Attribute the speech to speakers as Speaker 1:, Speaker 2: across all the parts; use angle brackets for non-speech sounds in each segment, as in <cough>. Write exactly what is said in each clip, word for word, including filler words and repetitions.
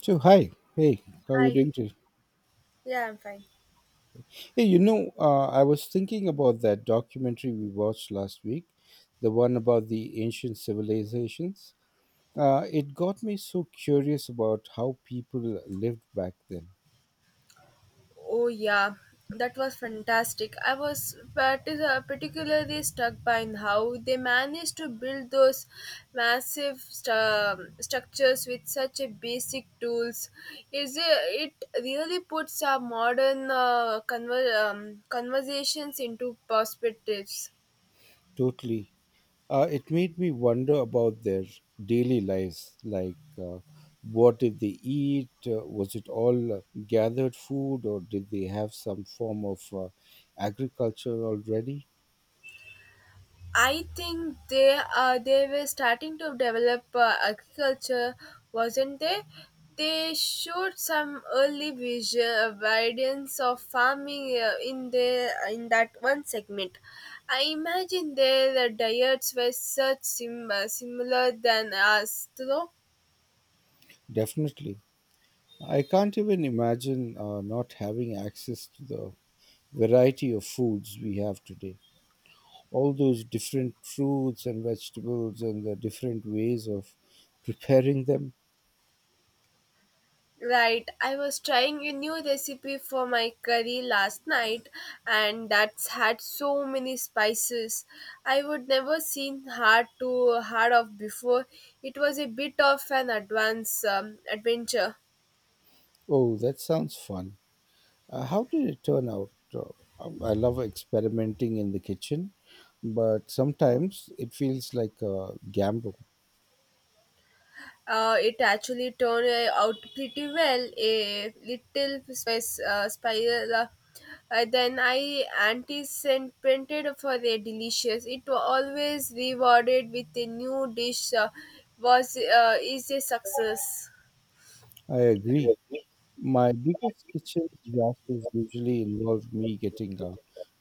Speaker 1: So hi, hey, how are you
Speaker 2: Hi.
Speaker 1: doing today?
Speaker 2: Yeah, I'm fine.
Speaker 1: Hey, you know, uh, I was thinking about that documentary we watched last week, the one about the ancient civilizations. Uh, it got me so curious about how people lived back then.
Speaker 2: Oh yeah, that was fantastic. I was partic- uh, particularly struck by how they managed to build those massive stu- structures with such a basic tools. Is it, it really puts our modern uh, conver- um, conversations into perspectives.
Speaker 1: Totally, uh, it made me wonder about their daily lives, like. Uh, What did they eat? Uh, was it all uh, gathered food, or did they have some form of uh, agriculture already?
Speaker 2: I think they uh, they were starting to develop uh, agriculture, wasn't they? They showed some early visual evidence of farming uh, in the in that one segment. I imagine their diets were such sim- uh, similar than us, though.
Speaker 1: Definitely. I can't even imagine uh, not having access to the variety of foods we have today. All those different fruits and vegetables and the different ways of preparing them.
Speaker 2: Right, I was trying a new recipe for my curry last night and that's had so many spices. I would never seen hard to hard of before. It was a bit of an advance um, adventure.
Speaker 1: Oh, that sounds fun. Uh, how did it turn out? Uh, um, I love experimenting in the kitchen, but sometimes it feels like a gamble.
Speaker 2: Uh, it actually turned uh, out pretty well. A little spice, uh, spiral. Uh, uh, then I anti-sent-printed for a delicious. It was always rewarded with a new dish. Uh, was uh, Is a success.
Speaker 1: I agree. My biggest kitchen disasters usually involve me getting uh,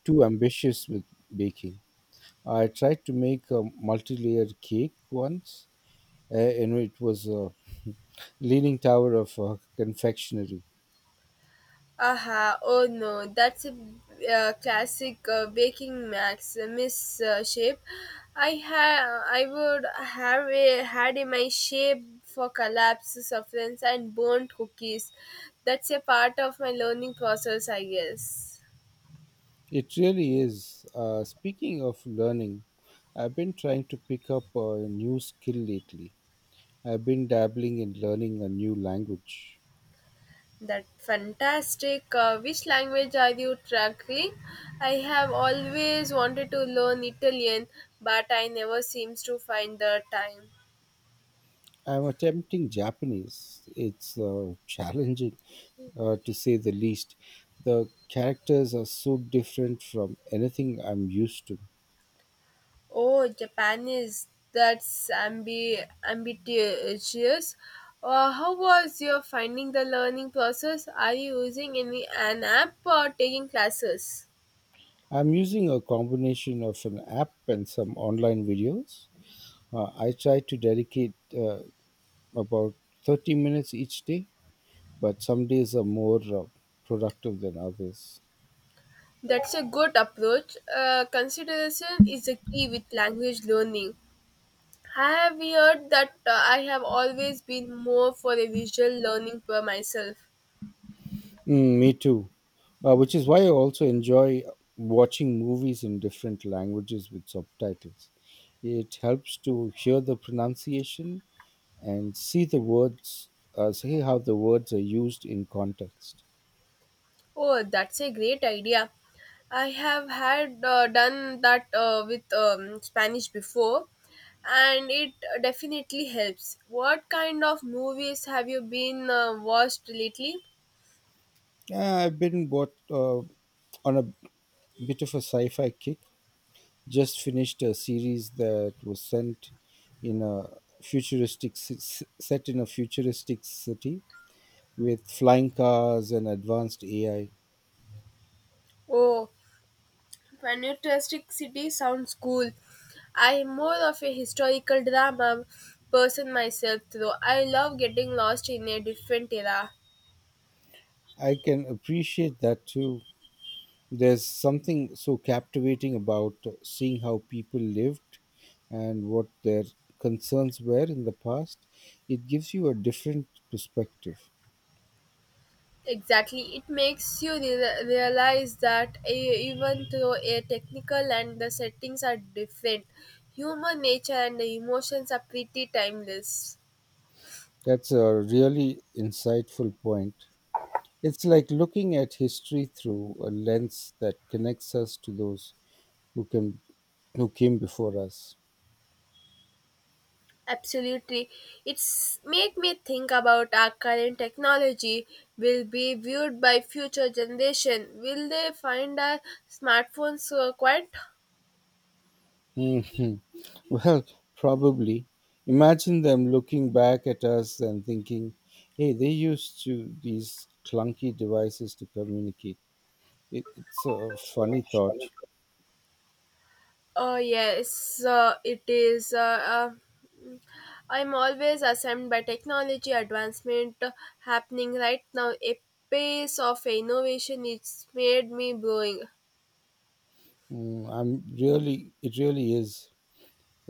Speaker 1: too ambitious with baking. I tried to make a multi-layered cake once, uh, and it was a leaning tower of uh, confectionery.
Speaker 2: Aha, oh no, that's a uh, classic uh, baking max uh, miss uh, shape. I ha- I would have a, had in my shape for collapse, sufferance, and burnt cookies. That's a part of my learning process, I guess.
Speaker 1: It really is. Uh, speaking of learning, I've been trying to pick up a new skill lately. I've been dabbling in learning a new language.
Speaker 2: That fantastic. Uh, which language are you tracking? I have always wanted to learn Italian, but I never seems to find the time.
Speaker 1: I'm attempting Japanese. It's uh, challenging, uh, to say the least. The characters are so different from anything I'm used to.
Speaker 2: Oh, Japan is that's ambi- ambitious. Uh, how was your finding the learning process? Are you using any an app or taking classes?
Speaker 1: I'm using a combination of an app and some online videos. Uh, I try to dedicate uh, about thirty minutes each day, but some days are more uh, productive than others.
Speaker 2: That's a good approach. Uh, consideration is a key with language learning. I have heard that uh, I have always been more for a visual learning for myself.
Speaker 1: Mm, me too. Uh, which is why I also enjoy watching movies in different languages with subtitles. It helps to hear the pronunciation and see the words, uh, see how the words are used in context.
Speaker 2: Oh, that's a great idea. I have had uh, done that uh, with um, Spanish before, and it definitely helps. What kind of movies have you been uh, watched lately?
Speaker 1: Yeah, I've been what uh, on a bit of a sci-fi kick. Just finished a series that was sent in a futuristic ci- s- set in a futuristic city with flying cars and advanced A I.
Speaker 2: Oh, Fantastic City sounds cool. I am more of a historical drama person myself, though. I love getting lost in a different era.
Speaker 1: I I can appreciate that too. There's something so captivating about seeing how people lived and what their concerns were in the past. It gives you a different perspective.
Speaker 2: Exactly. It makes you re- realize that e- even though a technical and the settings are different, human nature and the emotions are pretty timeless.
Speaker 1: That's a really insightful point. It's like looking at history through a lens that connects us to those who can who came before us.
Speaker 2: Absolutely. It's made me think about our current technology will be viewed by future generation. Will they find our smartphones uh, quite?
Speaker 1: Mhm. Well, probably. Imagine them looking back at us and thinking, "Hey, they used to these clunky devices to communicate." It, it's a funny thought.
Speaker 2: Oh yes, uh, it is. Uh, uh, I'm always ashamed by technology advancement happening right now. A pace of innovation it's made me blowing.
Speaker 1: Mm, I'm really, it really is.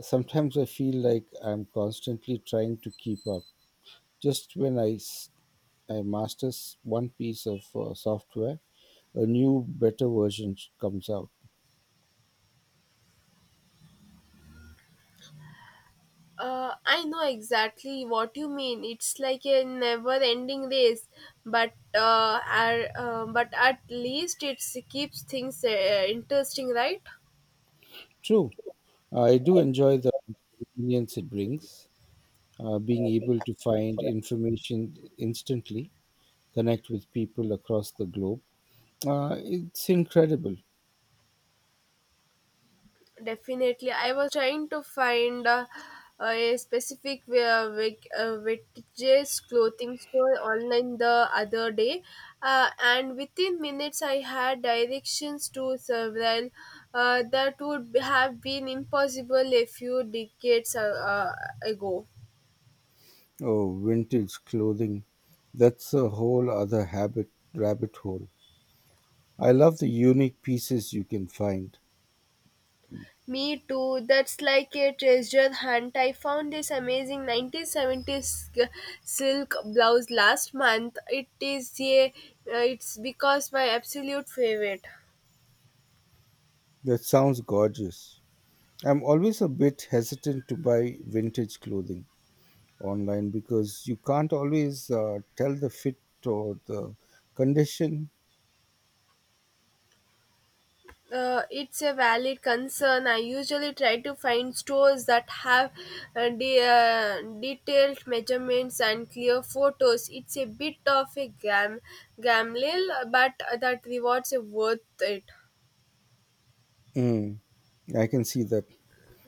Speaker 1: Sometimes I feel like I'm constantly trying to keep up. Just when I s- I masters one piece of uh, software, a new, better version sh- comes out.
Speaker 2: Uh, I know exactly what you mean. It's like a never-ending race, but uh, ar- uh, but at least it keeps things uh, interesting, right?
Speaker 1: True, I do enjoy the convenience it brings, uh, being able to find information instantly, connect with people across the globe. Uh, it's incredible.
Speaker 2: Definitely. I was trying to find uh, a specific uh, Vic- uh, vintage clothing store online the other day, uh, and within minutes I had directions to several uh, that would have been impossible a few decades uh, uh, ago.
Speaker 1: Oh, vintage clothing. That's a whole other habit rabbit hole. I love the unique pieces you can find.
Speaker 2: Me too. That's like a treasure hunt. I found this amazing nineteen seventies g- silk blouse last month. It is a, uh, it's because my absolute favorite.
Speaker 1: That sounds gorgeous. I'm always a bit hesitant to buy vintage clothing online because you can't always uh, tell the fit or the condition.
Speaker 2: Uh, it's a valid concern. I usually try to find stores that have uh, de- uh, detailed measurements and clear photos. It's a bit of a gam- gamble, but that rewards are worth it.
Speaker 1: Mm, I can see that.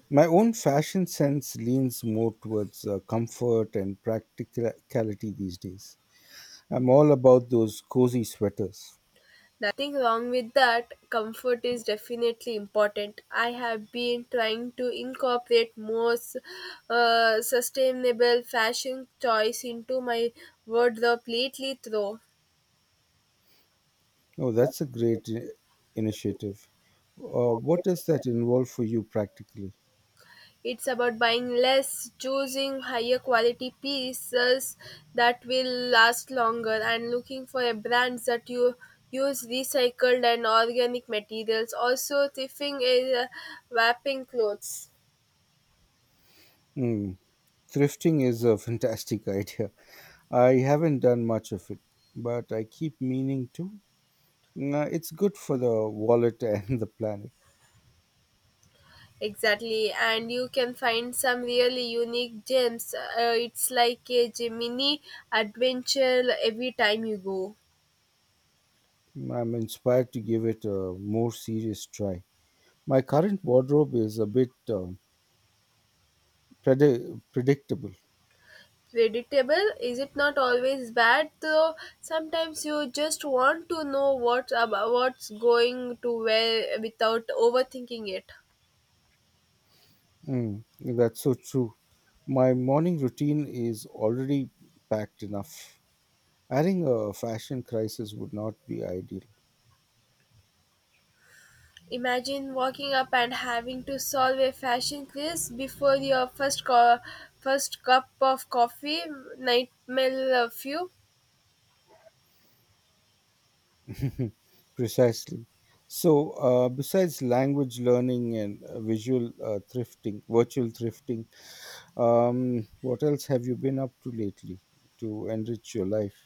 Speaker 1: My own fashion sense leans more towards uh, comfort and practicality these days. I'm all about those cozy sweaters.
Speaker 2: Nothing wrong with that. Comfort is definitely important. I have been trying to incorporate more s- uh, sustainable fashion choice into my wardrobe lately, though.
Speaker 1: Oh, that's a great i- initiative. Uh, what does that involve for you practically?
Speaker 2: It's about buying less, choosing higher quality pieces that will last longer, and looking for a brand that you use recycled and organic materials. Also, thrifting is uh, wrapping clothes.
Speaker 1: Hmm. Thrifting is a fantastic <laughs> idea. I haven't done much of it, but I keep meaning to. No, it's good for the wallet <laughs> and the planet.
Speaker 2: Exactly, and you can find some really unique gems. Uh, it's like a mini adventure every time you go.
Speaker 1: I'm inspired to give it a more serious try. My current wardrobe is a bit um, predi- predictable.
Speaker 2: Predictable? Is it not always bad though? Sometimes you just want to know what about what's going to where without overthinking it.
Speaker 1: Mm, that's so true. My morning routine is already packed enough. Adding a fashion crisis would not be ideal.
Speaker 2: Imagine walking up and having to solve a fashion quiz before your first co- first cup of coffee. Nightmare fuel.
Speaker 1: <laughs> Precisely. So, uh, besides language learning and uh, visual uh, thrifting, virtual thrifting, Um, what else have you been up to lately to enrich your life?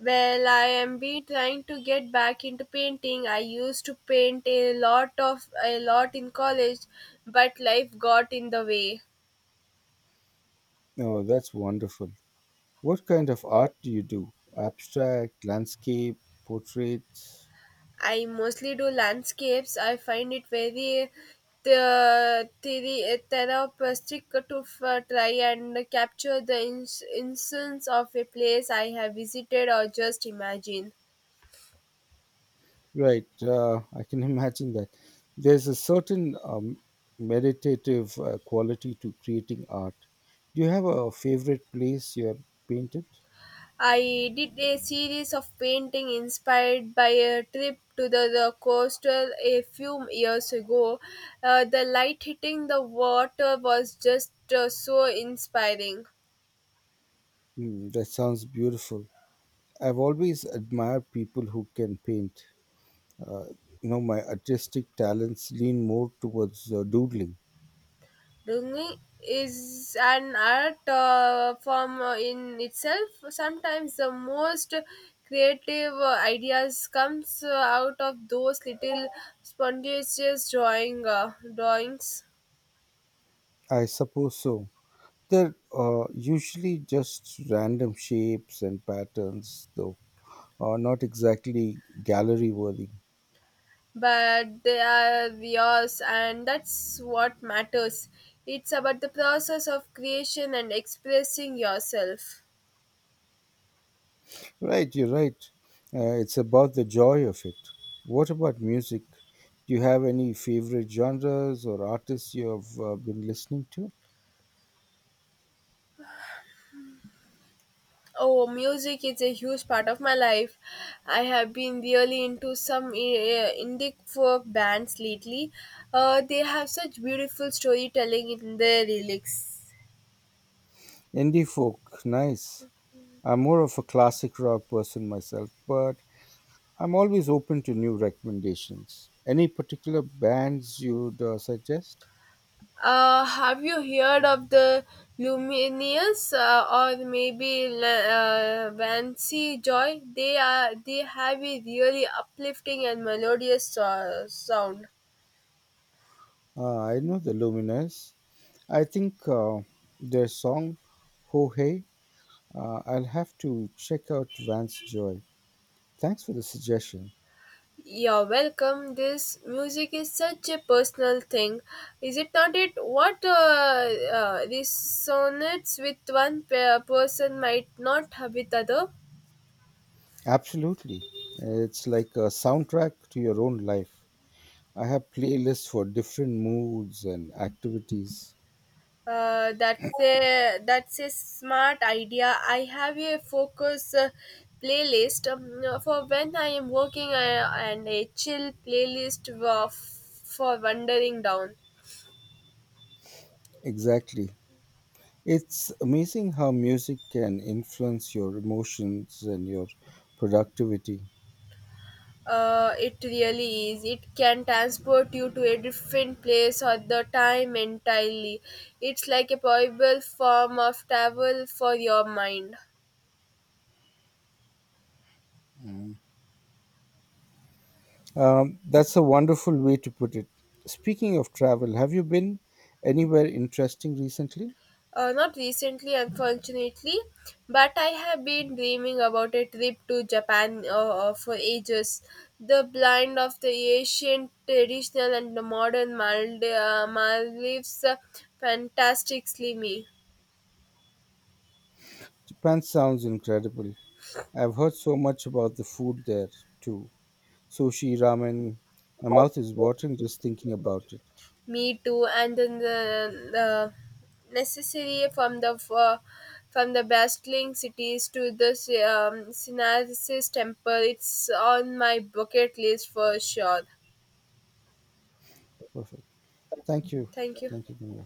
Speaker 2: Well, I am be trying to get back into painting. I used to paint a lot of a lot in college, but life got in the way.
Speaker 1: Oh, that's wonderful. What kind of art do you do? Abstract, landscape, portraits?
Speaker 2: I mostly do landscapes. I find it very the theory therapeutic to f- uh, try and capture the ins- instance of a place I have visited or just imagine.
Speaker 1: Right, uh, I can <laughs> imagine that. There's a certain um, meditative uh, quality to creating art. Do you have a favorite place you're painted?
Speaker 2: I did a series of painting inspired by a trip to the, the coastal a few years ago. Uh, the light hitting the water was just uh, so inspiring.
Speaker 1: Hmm, that sounds beautiful. I've always admired people who can paint. Uh, you know, my artistic talents lean more towards uh, doodling.
Speaker 2: Drawing is an art uh, form uh, in itself. Sometimes the most creative uh, ideas comes uh, out of those little spontaneous drawing uh, drawings.
Speaker 1: I suppose so. They're uh, usually just random shapes and patterns, though, uh, not exactly gallery worthy.
Speaker 2: But they are yours and that's what matters. It's about the process of creation and expressing yourself.
Speaker 1: Right, you're right. Uh, it's about the joy of it. What about music? Do you have any favorite genres or artists you have uh, been listening to?
Speaker 2: Oh, music is a huge part of my life. I have been really into some uh, indie folk bands lately. Uh, they have such beautiful storytelling in their lyrics.
Speaker 1: Indie folk, nice. I'm more of a classic rock person myself, but I'm always open to new recommendations. Any particular bands you'd uh, suggest?
Speaker 2: Uh, have you heard of the Lumineers uh, or maybe La- uh, Vancy Joy? They are they have a really uplifting and melodious uh, sound.
Speaker 1: Uh, I know the Luminous. I think uh, their song "Ho Hey." Uh, I'll have to check out Vance Joy. Thanks for the suggestion.
Speaker 2: You're welcome. This music is such a personal thing, is it not? It what uh, uh, resonates with one pe- person might not have with other.
Speaker 1: Absolutely, it's like a soundtrack to your own life. I have playlists for different moods and activities.
Speaker 2: Uh, that's a that's a smart idea. I have a focus uh, playlist um, uh, for when I am working uh, and a chill playlist wa- for wandering down.
Speaker 1: Exactly. It's amazing how music can influence your emotions and your productivity.
Speaker 2: Uh, it really is. It can transport you to a different place or the time entirely. It's like a powerful form of travel for your mind.
Speaker 1: Um, that's a wonderful way to put it. Speaking of travel, have you been anywhere interesting recently?
Speaker 2: Uh, not recently, unfortunately, but I have been dreaming about a trip to Japan uh, uh, for ages. The blend of the ancient, traditional, and the modern Maldi- uh, Maldives uh, fantastically me,
Speaker 1: Japan sounds incredible. I've heard so much about the food there too. Sushi, ramen. My mouth is watering just thinking about it.
Speaker 2: me too, and then the, the necessary from the uh, from the bustling cities to the um, Synthesis Temple. It's on my bucket list for sure.
Speaker 1: Perfect. Thank you.
Speaker 2: Thank you.
Speaker 1: Thank you, Dimra.